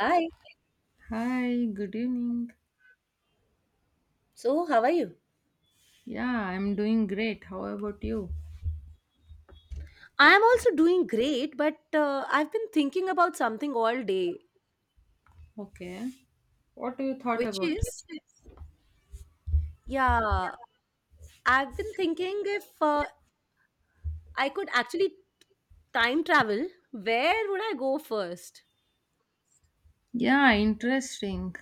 Hi. Hi, good evening. So, how are you? Yeah, I'm doing great. How about you? I'm also doing great, but I've been thinking about something all day, Okay. What do you thought which about? is, yeah, I've been thinking if I could actually time travel, where would I go first? Yeah, interesting.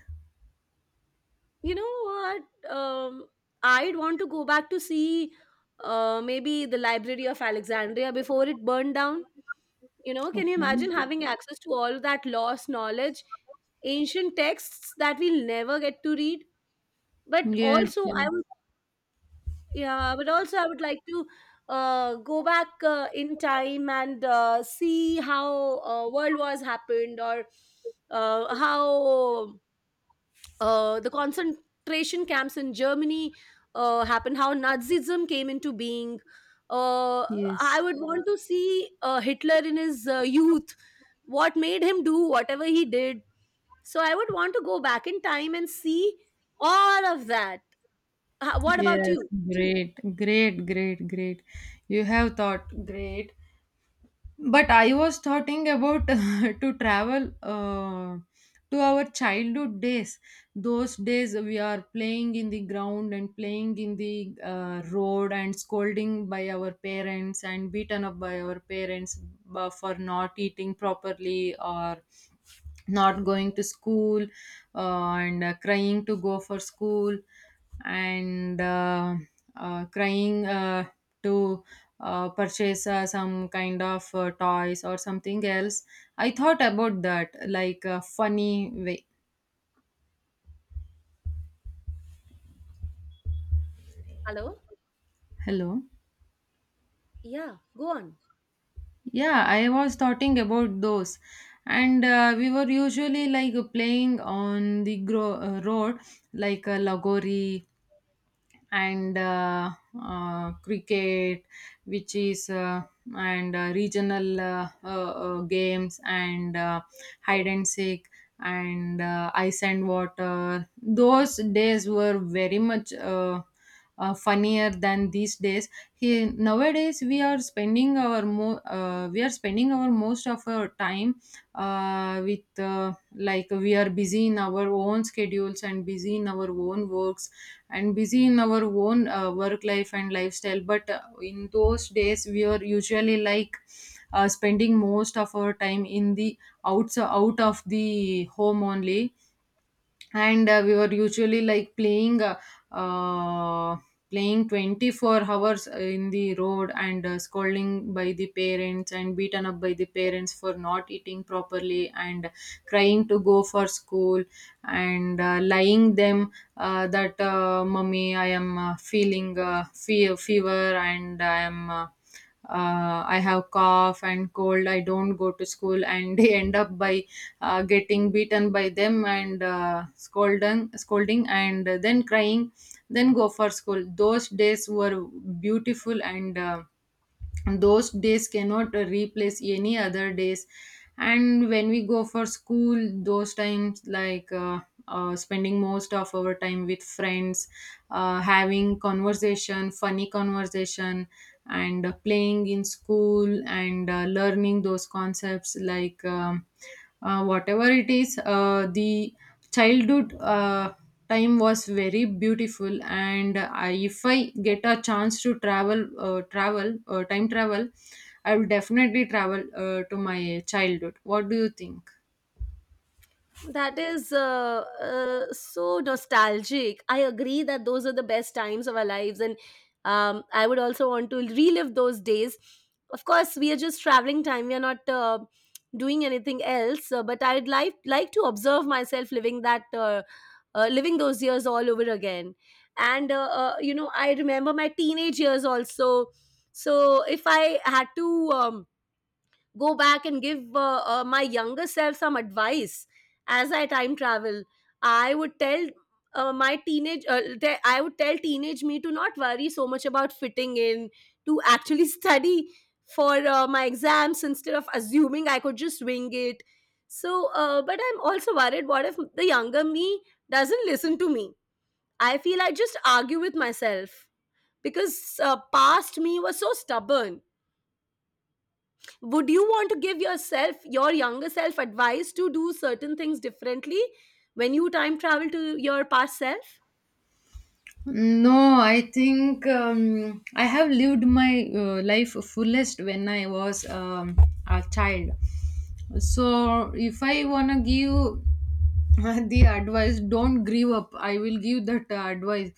You know what? I'd want to go back to see maybe the Library of Alexandria before it burned down. Can you imagine Okay. having access to all that lost knowledge, ancient texts that we'll never get to read? But Yes, also yes, I would Yeah, but also I would like to go back in time, and see how world wars happened, or how the concentration camps in Germany happened, how Nazism came into being. uh, yes, I would want to see Hitler in his youth. What made him do whatever he did? So I would want to go back in time and see all of that. What about yes. you? Great, great, great, great. You have thought great. But I was thinking about to travel to our childhood days. Those days we are playing in the ground and playing in the road, and scolding by our parents, and beaten up by our parents, for not eating properly or not going to school, and crying to go for school, and crying to purchase some kind of toys or something else. I thought about that like a funny way. Hello? Hello. Yeah, go on. Yeah, I was talking about those. And we were usually like playing on the road, like a lagori, and cricket, which is and regional games, and hide and seek, and ice and water. Those days were very much funnier than these days. Nowadays we are spending our we are spending our most of our time, with like we are busy in our own schedules, and busy in our own works, and busy in our own work life and lifestyle. But in those days, we were usually like spending most of our time in the outs out of the home only. And we were usually like playing, uh, playing 24 hours in the road, and scolding by the parents, and beaten up by the parents for not eating properly, and crying to go for school, and lying them that, mummy, I am feeling, fever, and I am I have cough and cold, I don't go to school. And they end up by getting beaten by them, and scolding scolding, and then crying, then go for school. Those days were beautiful, and those days cannot replace any other days. And when we go for school, those times like spending most of our time with friends, having conversation, funny conversation, and playing in school, and learning those concepts like, whatever it is, the childhood time was very beautiful. And if I get a chance to travel, time travel, I will definitely travel to my childhood. What do you think? That is so nostalgic. I agree that those are the best times of our lives, and I would also want to relive those days. Of course, we are just traveling time; we are not doing anything else. But I'd like to observe myself living those years all over again. And I remember my teenage years also. So if I had to. Um, Go back and give my younger self some advice as I time travel. I would tell I would tell teenage me to not worry so much about fitting in, to actually study for my exams instead of assuming I could just wing it, so but I'm also worried, what if the younger me doesn't listen to me? I feel I just argue with myself because past me was so stubborn. Would you want to give yourself — your younger self — advice to do certain things differently when you time travel to your past self? No, I think I have lived my life fullest when I was a child. So if I wanna give the advice, don't give up. I will give that advice,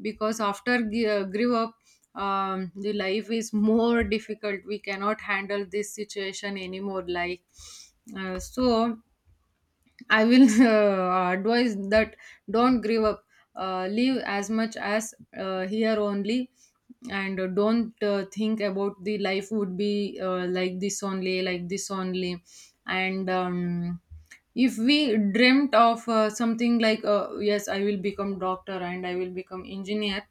because after give up, the life is more difficult. We cannot handle this situation anymore. Like, so I will advise that, don't give up, live as much as here only, and don't think about the life would be like this only, like this only. And if we dreamt of something like, yes, I will become doctor and I will become engineer,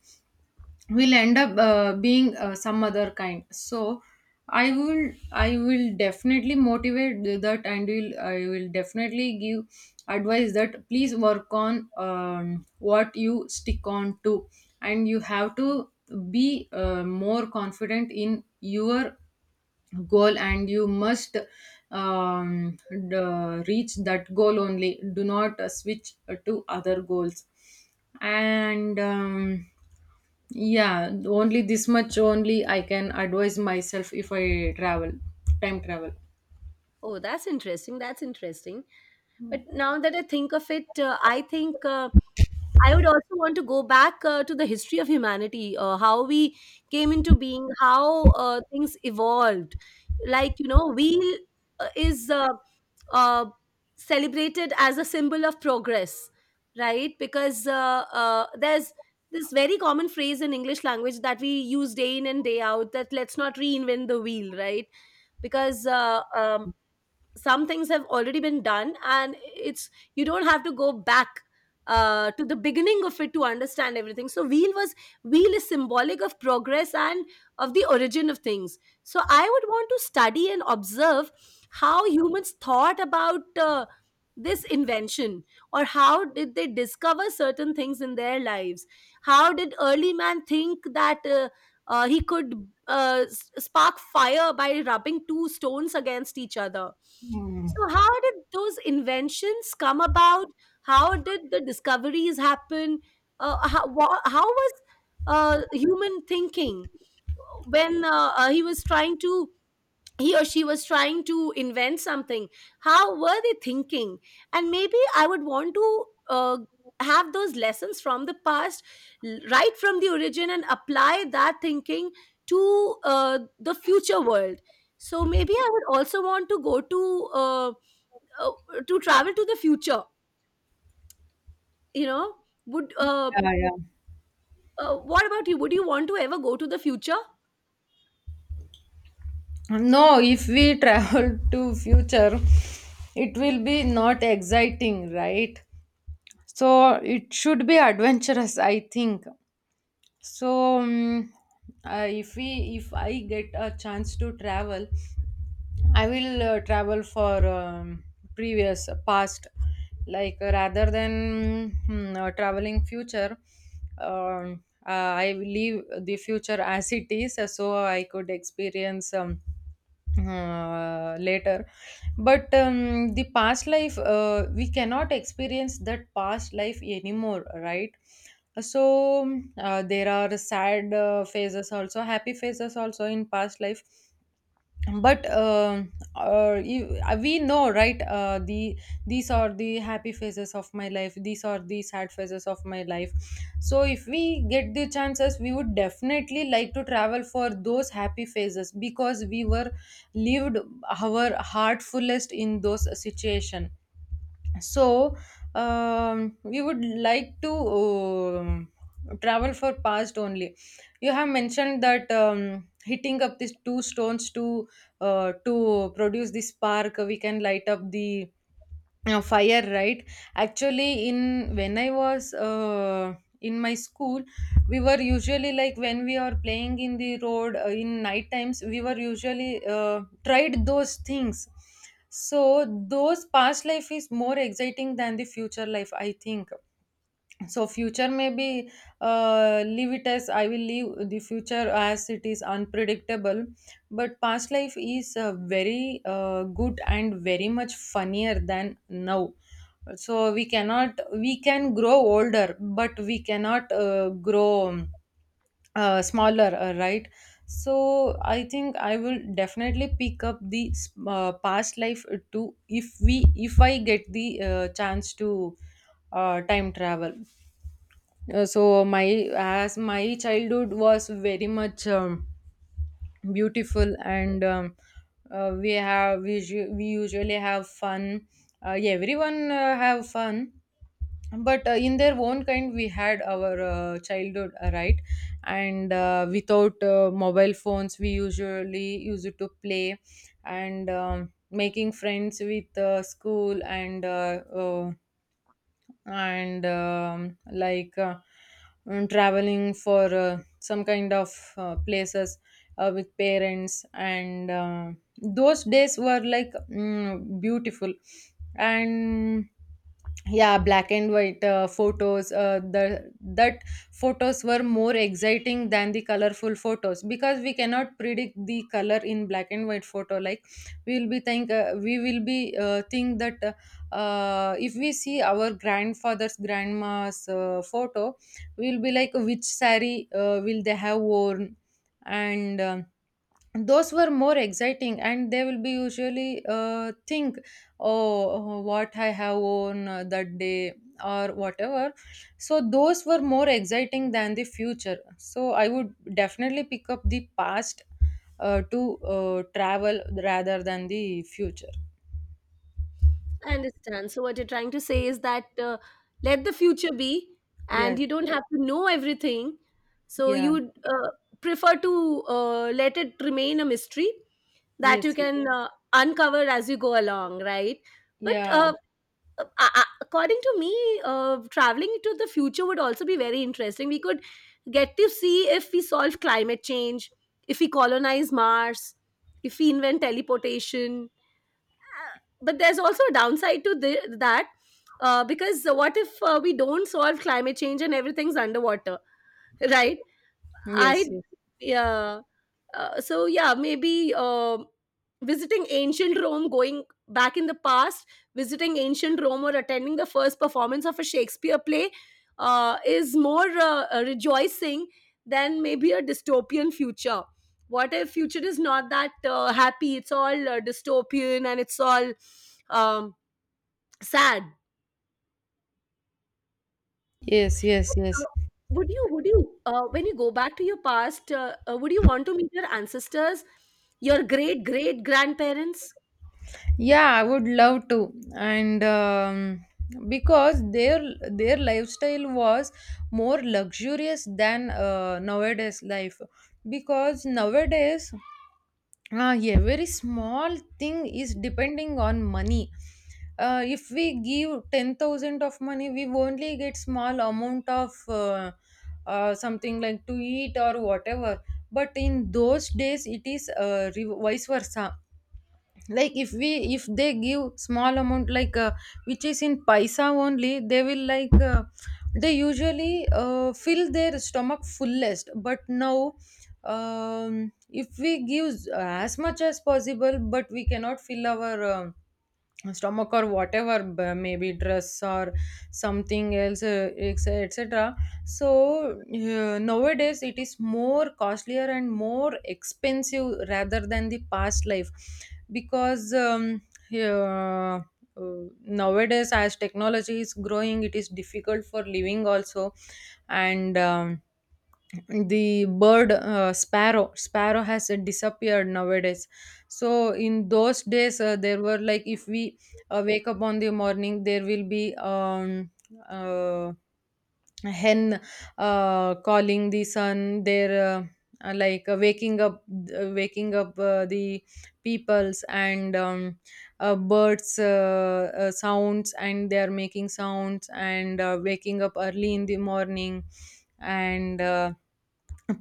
will end up being some other kind. So I will definitely motivate that, and will I will definitely give advice that, please work on what you stick on to, and you have to be more confident in your goal, and you must um, d- reach that goal only, do not switch to other goals. And yeah, only this much only I can advise myself if I travel, time travel. Oh, that's interesting, that's interesting. But now that I think of it, I think I would also want to go back to the history of humanity, how we came into being, how things evolved. Like, wheel is uh, celebrated as a symbol of progress, right? Because there's this very common phrase in English language that we use day in and day out, that let's not reinvent the wheel, right? Because some things have already been done, and it's — you don't have to go back to the beginning of it to understand everything. So wheel is symbolic of progress, and of the origin of things. So I would want to study and observe how humans thought about this invention, or how did they discover certain things in their lives. How did early man think that he could spark fire by rubbing two stones against each other. So, how did those inventions come about? How did the discoveries happen? How was human thinking when he or she was trying to invent something? How were they thinking? And maybe I would want to have those lessons from the past, right from the origin, and apply that thinking to the future world. So maybe I would also want to go uh, uh, to travel to the future. You know, would Yeah, yeah. What about you? Would you want to ever go to the future? No, if we travel to future, it will be not exciting, right? So it should be adventurous, I think. So, if we if I get a chance to travel, I will travel for previous past, like, rather than traveling future. I will leave the future as it is, so I could experience, later. But the past life, we cannot experience that past life anymore, right? So there are sad phases also, happy phases also in past life. But we know, right? The, these are the happy phases of my life, these are the sad phases of my life. So if we get the chances, we would definitely like to travel for those happy phases, because we were lived our heart fullest in those situation. So we would like to um, travel for past only. You have mentioned that, hitting up these two stones to produce this spark, we can light up the fire, right? Actually, in when I was in my school, we were usually like, when we are playing in the road in night times, we were usually tried those things. So those past life is more exciting than the future life, I think. So future maybe, leave it as, I will leave the future as it is, unpredictable. But past life is very good and very much funnier than now. So we cannot, we can grow older, but we cannot grow smaller, right? So I think I will definitely pick up the past life too, if I get the chance to time travel. So my, as my childhood was very much beautiful and we have we usually have fun. Yeah, everyone have fun, but in their own kind, we had our childhood, right? And without mobile phones, we usually used to play, and making friends with school, and and traveling for some kind of places with parents, and those days were like, beautiful. And yeah, black and white photos, the that photos were more exciting than the colorful photos, because we cannot predict the color in black and white photo. Like, we will be think, we will be think that, if we see our grandfather's grandma's photo, we'll be like, which sari will they have worn. And those were more exciting, and they will be usually think, oh oh, what I have worn that day, or whatever. So those were more exciting than the future, so I would definitely pick up the past to travel rather than the future. I understand. So what you're trying to say is that let the future be, and Yes. you don't have to know everything. So you Yeah. would prefer to let it remain a mystery that you Yes. can uncover as you go along, right? But Yeah. uh, uh, uh, according to me, traveling to the future would also be very interesting. We could get to see if we solve climate change, if we colonize Mars, if we invent teleportation. But there's also a downside to that, because what if we don't solve climate change and everything's underwater, right? I Yes, yes, Yeah. So yeah, maybe visiting ancient Rome, going back in the past, visiting ancient Rome, or attending the first performance of a Shakespeare play is more rejoicing than maybe a dystopian future. What if future is not that happy? It's all dystopian, and it's all um, sad. yes, yes, Uh, yes. When you go back to your past, would you want to meet your ancestors, your great great grandparents? Yeah, I would love to, and because their lifestyle was more luxurious than nowadays life. Because nowadays, yeah, very small thing is depending on money. If we give 10,000 of money, we only get small amount of, something like to eat or whatever. But in those days, it is vice versa. Like, if they give small amount, like, which is in paisa only, they will like they usually fill their stomach fullest. But now, if we give as much as possible, but we cannot fill our, stomach or whatever, maybe dress or something else, etc. So nowadays it is more costlier and more expensive rather than the past life, because uh, nowadays as technology is growing, it is difficult for living also. And the bird, sparrow sparrow has disappeared nowadays. So in those days, there were like, if we wake up on the morning, there will be uh, a hen calling the sun there, uh, like uh, waking up waking up the peoples, and birds sounds, and they are making sounds, and waking up early in the morning, and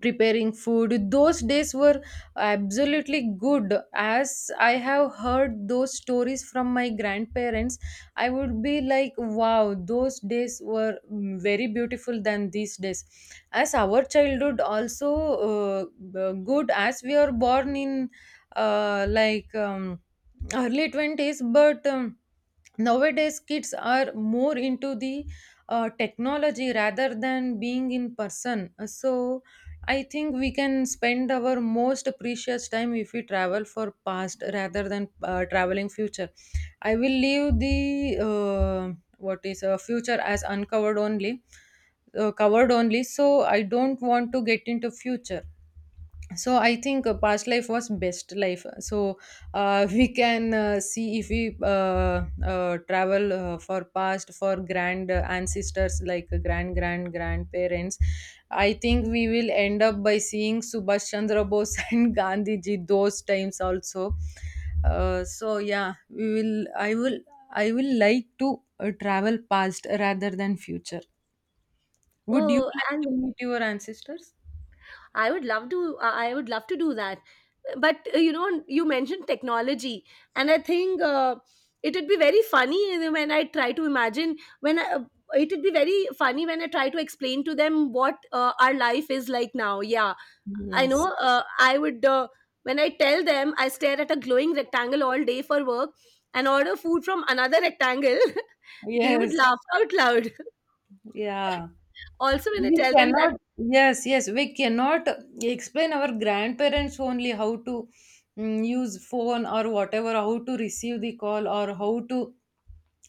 preparing food. Those days were absolutely good. As I have heard those stories from my grandparents, I would be like, wow, those days were, very beautiful than these days. As our childhood also, uh, good, as we are born in, uh, like um, early 20s. But nowadays kids are more into the technology rather than being in person. So I think we can spend our most precious time if we travel for past, rather than traveling future. I will leave the what is a future as uncovered only, covered only. So I don't want to get into future. So I think past life was best life. So we can see, if we travel for past, for grand ancestors, like grand grand grandparents, I think we will end up by seeing Subhash Chandra Bose and Gandhi ji those times also. So yeah, we will I will I will like to travel past rather than future. Would you Oh, like and to meet Your ancestors? I would love to. I would love to do that. But you mentioned technology, and I think it would be very funny when I try to imagine when I. It would be very funny when I try to explain to them what our life is like now. Yeah, I Yes, know. I would When I tell them I stare at a glowing rectangle all day for work and order food from another rectangle. They would yes. laugh out loud. yeah Also, when I we tell them that cannot. Yes, yes, we cannot explain our grandparents only how to use phone or whatever, how to receive the call or how to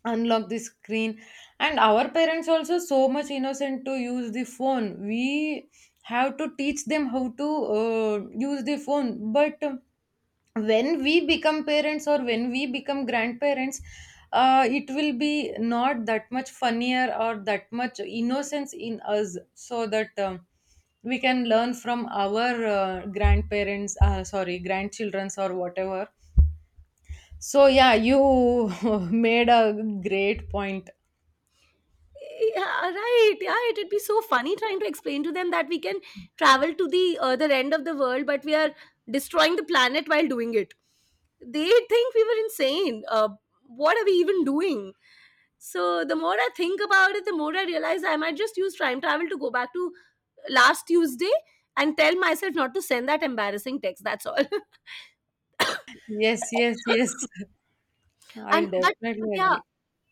unlock the screen. And our parents also so much innocent to use the phone. We have to teach them how to use the phone. But when we become parents or when we become grandparents, it will be not that much funnier or that much innocence in us, so that we can learn from our grandparents, sorry, grandchildrens or whatever. So yeah, you made a great point. Yeah, right. Yeah, it'd be so funny trying to explain to them that we can travel to the other end of the world, but we are destroying the planet while doing it. They think we were insane. What are we even doing? So the more I think about it, the more I realize I might just use time travel to go back to last Tuesday and tell myself not to send that embarrassing text. That's all. Yes. and I'll but definitely yeah, agree.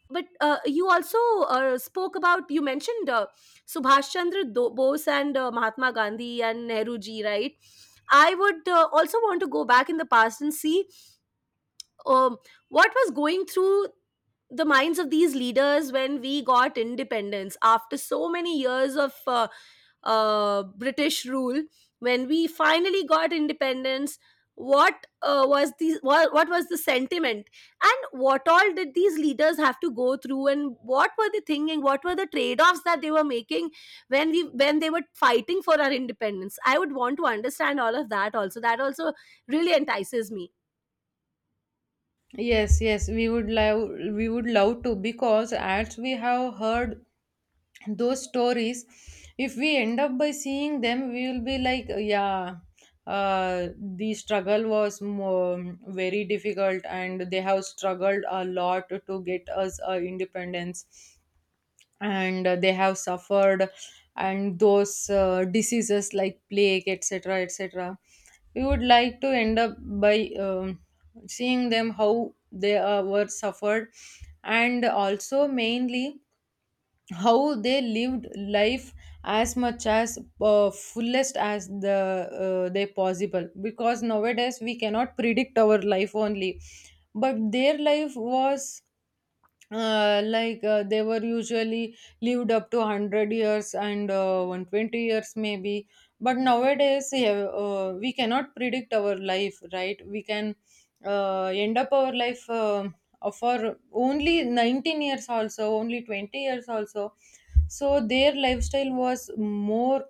but you also spoke about you mentioned Subhash Chandra Bose, and Mahatma Gandhi, and Nehru ji, right? I would also want to go back in the past and see um, what was going through the minds of these leaders when we got independence after so many years of British rule. When we finally got independence, what was the sentiment, and what all did these leaders have to go through, and what were they thinking? What were the trade offs that they were making when they were fighting for our independence? I would want to understand all of that. Also, that also really entices me. Yes, we would love, we would love to, because as we have heard those stories, if we end up by seeing them, we will be like, yeah, uh, the struggle was more, very difficult, and they have struggled a lot to get us independence, and they have suffered, and those diseases like plague, etc, etc. We would like to end up by seeing them how they were suffered. And also mainly how they lived life as much as fullest as the they possible, because nowadays we cannot predict our life only. But their life was like, they were usually lived up to 100 years and 120 years maybe. But nowadays, yeah, we cannot predict our life, right? We can end up our life for only 19 years also, only 20 years also. So their lifestyle was more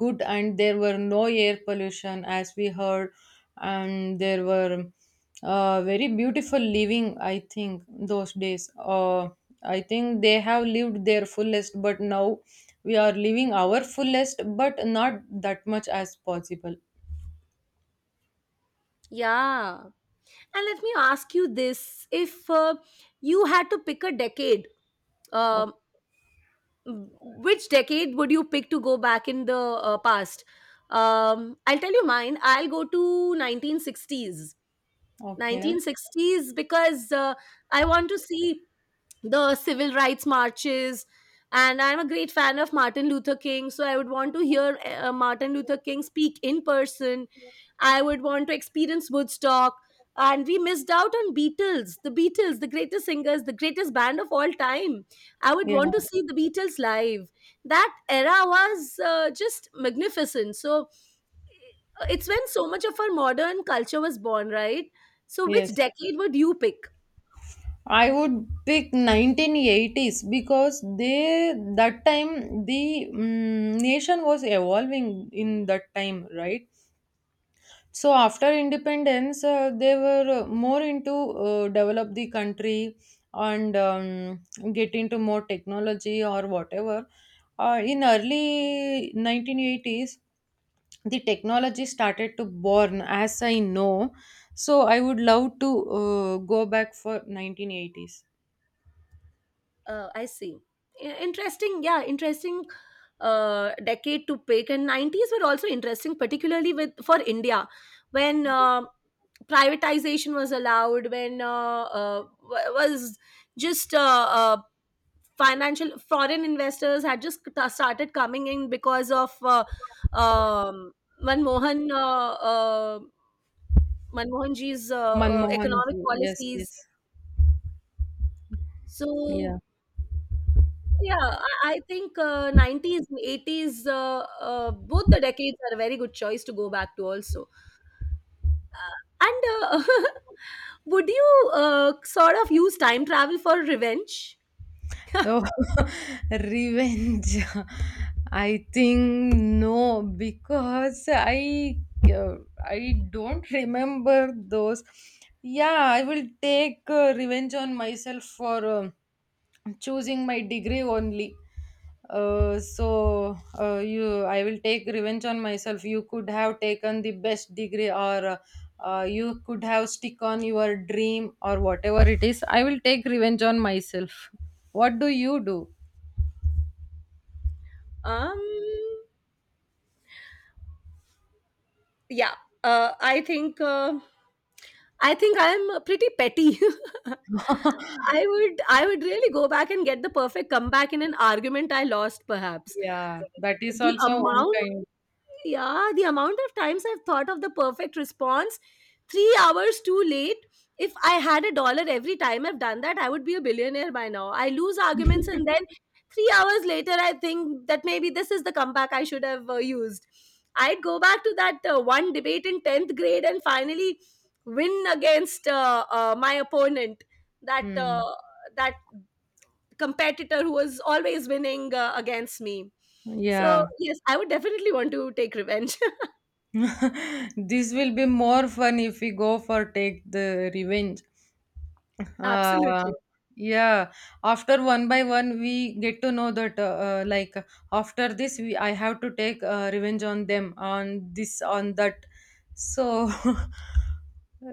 good, and there were no air pollution, as we heard. And there were very beautiful living, I think those days. I think they have lived their fullest, but now we are living our fullest but not that much as possible. Yeah. And let me ask you this. If you had to pick a decade, O- um, which decade would you pick to go back in the past? I'll tell you mine. I'll go to 1960s. okay, 1960s because I want to see the civil rights marches. And I'm a great fan of Martin Luther King, so I would want to hear Martin Luther King speak in person. I would want to experience Woodstock. And we missed out on the Beatles, the greatest singers, the greatest band of all time. I would yeah. want to see the Beatles live. That era was just magnificent. So it's when so much of our modern culture was born, right? So, which Yes, decade would you pick? I would pick 1980s, because they that time the nation was evolving in that time, right? So after independence, they were more into develop the country, and get into more technology or whatever. In early 1980s, the technology started to born, as I know. So I would love to go back for 1980s. I see. Interesting. Yeah, interesting decade to pick. And 90s were also interesting, particularly with for India, when privatization was allowed, when w- was just uh, financial foreign investors had just started coming in because of um, Manmohan uh, uh, Manmohan ji's Manmohan economic ji, yes, policies. yes, yeah. So yeah, I think 90s and 80s, both the decades are a very good choice to go back to also. And would you sort of use time travel for revenge? Oh, revenge. I think no, because uh, I don't remember those. Yeah, I will take revenge on myself for choosing my degree only. You, I will take revenge on myself. You could have taken the best degree, or you could have stick on your dream, or whatever it is. I will take revenge on myself. What do you do? Um, yeah, uh, I think uh, I think I'm pretty petty. I would really go back and get the perfect comeback in an argument I lost, perhaps. Yeah, that is The also one amount kind. Yeah, the amount of times I've thought of the perfect response, 3 hours too late. If I had a dollar every time I've done that, I would be a billionaire by now. I lose arguments, and then 3 hours later, I think that maybe this is the comeback I should have used. I'd go back to that one debate in 10th grade and finally win against my opponent. That uh, Hmm. that competitor who was always winning against me. So, Yeah. yes, I would definitely want to take revenge. This will be more fun if we go for take the revenge. Uh, Absolutely. yeah. After one by one, we get to know that like after this, we I have to take revenge on them, on this, on that. So,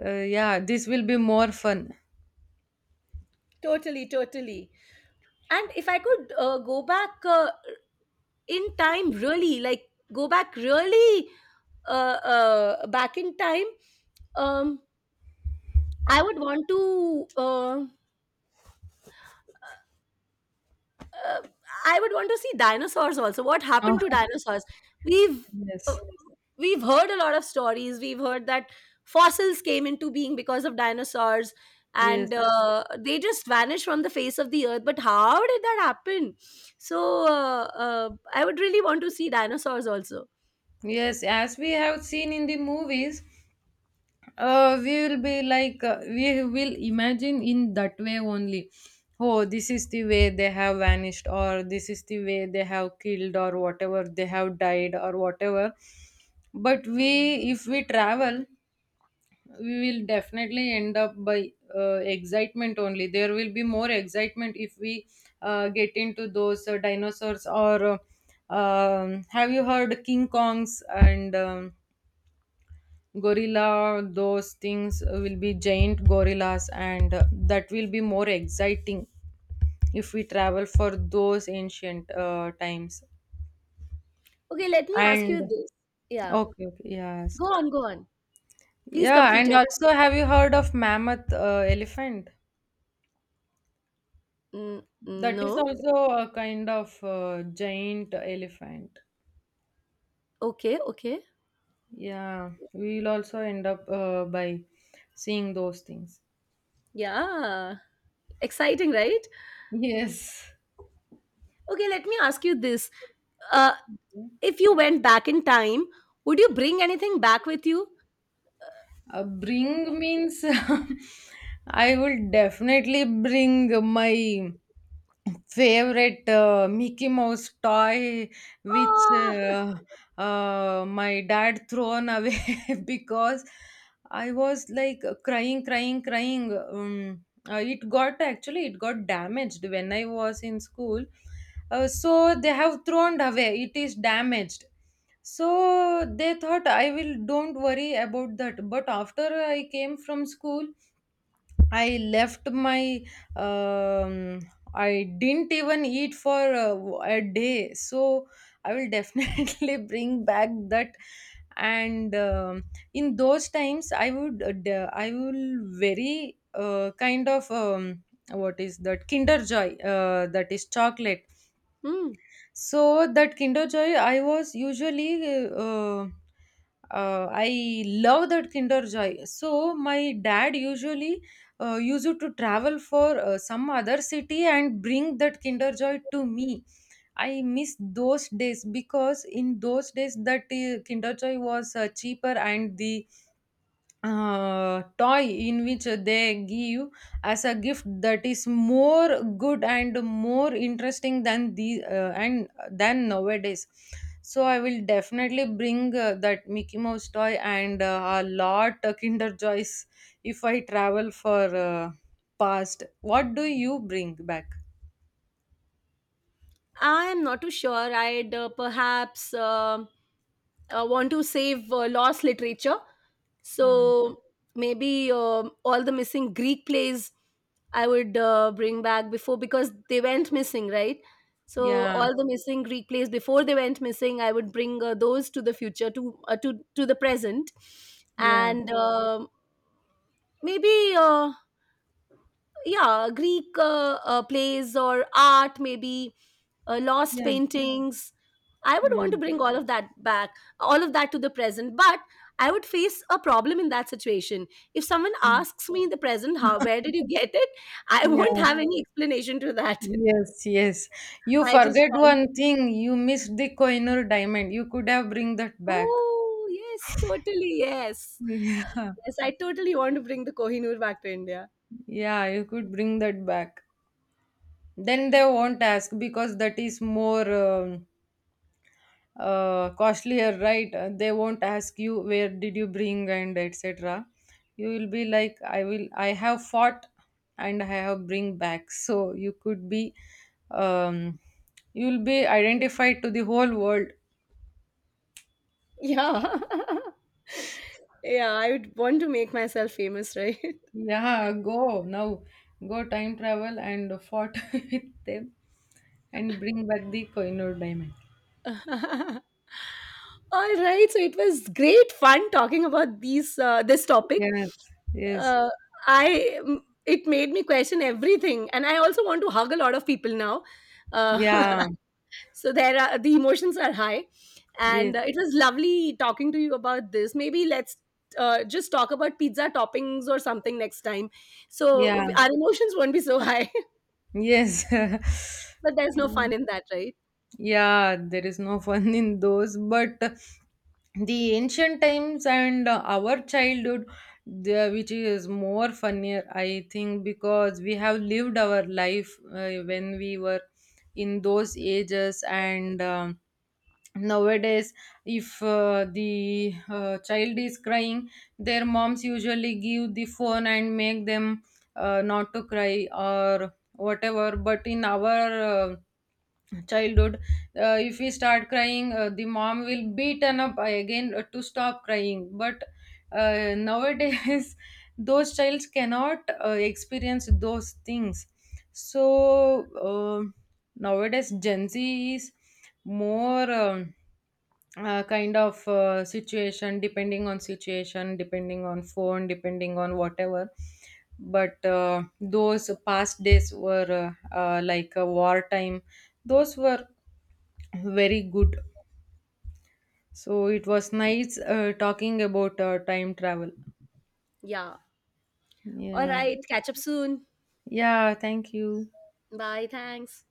yeah, this will be more fun. Totally, totally. And if I could go back in time, really, like go back really back in time, um, I would want to. Uh, I would want to see dinosaurs also. What Uh, happened to dinosaurs? We've uh, yes, we've heard a lot of stories. We've heard that fossils came into being because of dinosaurs, yes, and they just vanished from the face of the earth. But how did that happen? So I would really want to see dinosaurs also. yes. As we have seen in the movies, we will be like, we will imagine in that way only. Oh, this is the way they have vanished, or this is the way they have killed or whatever, they have died or whatever. But we, if we travel, we will definitely end up by excitement only. There will be more excitement if we get into those dinosaurs or have you heard king kongs and gorilla? Those things will be giant gorillas, and that will be more exciting if we travel for those ancient times. Okay, let me ask And you this. Yeah, okay, okay, yeah, ask. go on, go on. Please Yeah, complete and your. also have you heard of mammoth elephant? That is No. also a kind of giant elephant. Okay. Okay. Yeah, we'll also end up by seeing those things. Yeah. Exciting, right? Yes. Okay, let me ask you this. Uh, if you went back in time, would you bring anything back with you? Bring means? I will definitely bring my favorite Mickey Mouse toy, which Ah, my dad thrown away because I was like crying, crying, crying. It got, actually it got damaged when I was in school, so they have thrown away. It is damaged. So they thought I will don't worry about that. But after I came from school, I left my um, I didn't even eat for a day. So I will definitely bring back that. And in those times, I would I will very kind of what is that Kinder Joy, that is chocolate. hmm. So that Kinder Joy, I was usually, I love that Kinder Joy. So my dad usually used to travel for some other city and bring that Kinder Joy to me. I miss those days because in those days that Kinder Joy was cheaper, and the toy in which they give as a gift, that is more good and more interesting than the and than nowadays. So I will definitely bring that Mickey Mouse toy and a lot of Kinder Joys if I travel for past. What do you bring back? I am not too sure. I'd perhaps want to save lost literature. uh, So maybe all the missing Greek plays I would bring back before, because they went missing, right? So yeah, all the missing Greek plays, before they went missing, I would bring those to the future, to to the present, yeah, and maybe yeah, Greek plays, or art, maybe lost yeah. paintings. I would want to Mm, bring all of that back, all of that to the present. But I would face a problem in that situation. If someone mm, asks me in the present how — where did you get it? I won't yeah. have any explanation to that. Yes, yes. You I just forget found it. one thing. You missed the Koinur diamond. You could have bring that back. Oh, yes, totally. Yes, Yeah. yes, I totally want to bring the Kohinoor back to India. Yeah, you could bring that back. Then they won't ask because that is more costlier, right? They won't ask you where did you bring and etc. You will be like, I will, I have fought and I have bring back. So you could be, um, you will be identified to the whole world. Yeah, yeah, I would want to make myself famous, right? Yeah, go now. Go time travel and fought with them and bring back the Koinur diamond. All right, so it was great fun talking about these this topic. Yes, yes, Uh, it made me question everything, and I also want to hug a lot of people now. Uh, yeah, so the emotions are high, yes, and it was lovely talking to you about this. Maybe let's just talk about pizza toppings or something next time, yeah, so our emotions won't be so high. yes. But there's Yeah. no fun in that, right? Yeah, there is no fun in those, but the ancient times and our childhood, which is more funnier, I think, because we have lived our life when we were in those ages. And nowadays, if the child is crying, their moms usually give the phone and make them not to cry or whatever. But in our childhood, if we start crying, the mom will beaten up again to stop crying. But nowadays those child cannot experience those things. So uh, nowadays gen z is more kind of situation depending, on situation depending, on phone depending, on whatever. But those past days were like a wartime. Those were very good. So it was nice talking about time travel. Yeah. All Yeah. right. Catch up soon. Yeah, thank you. Bye. Thanks.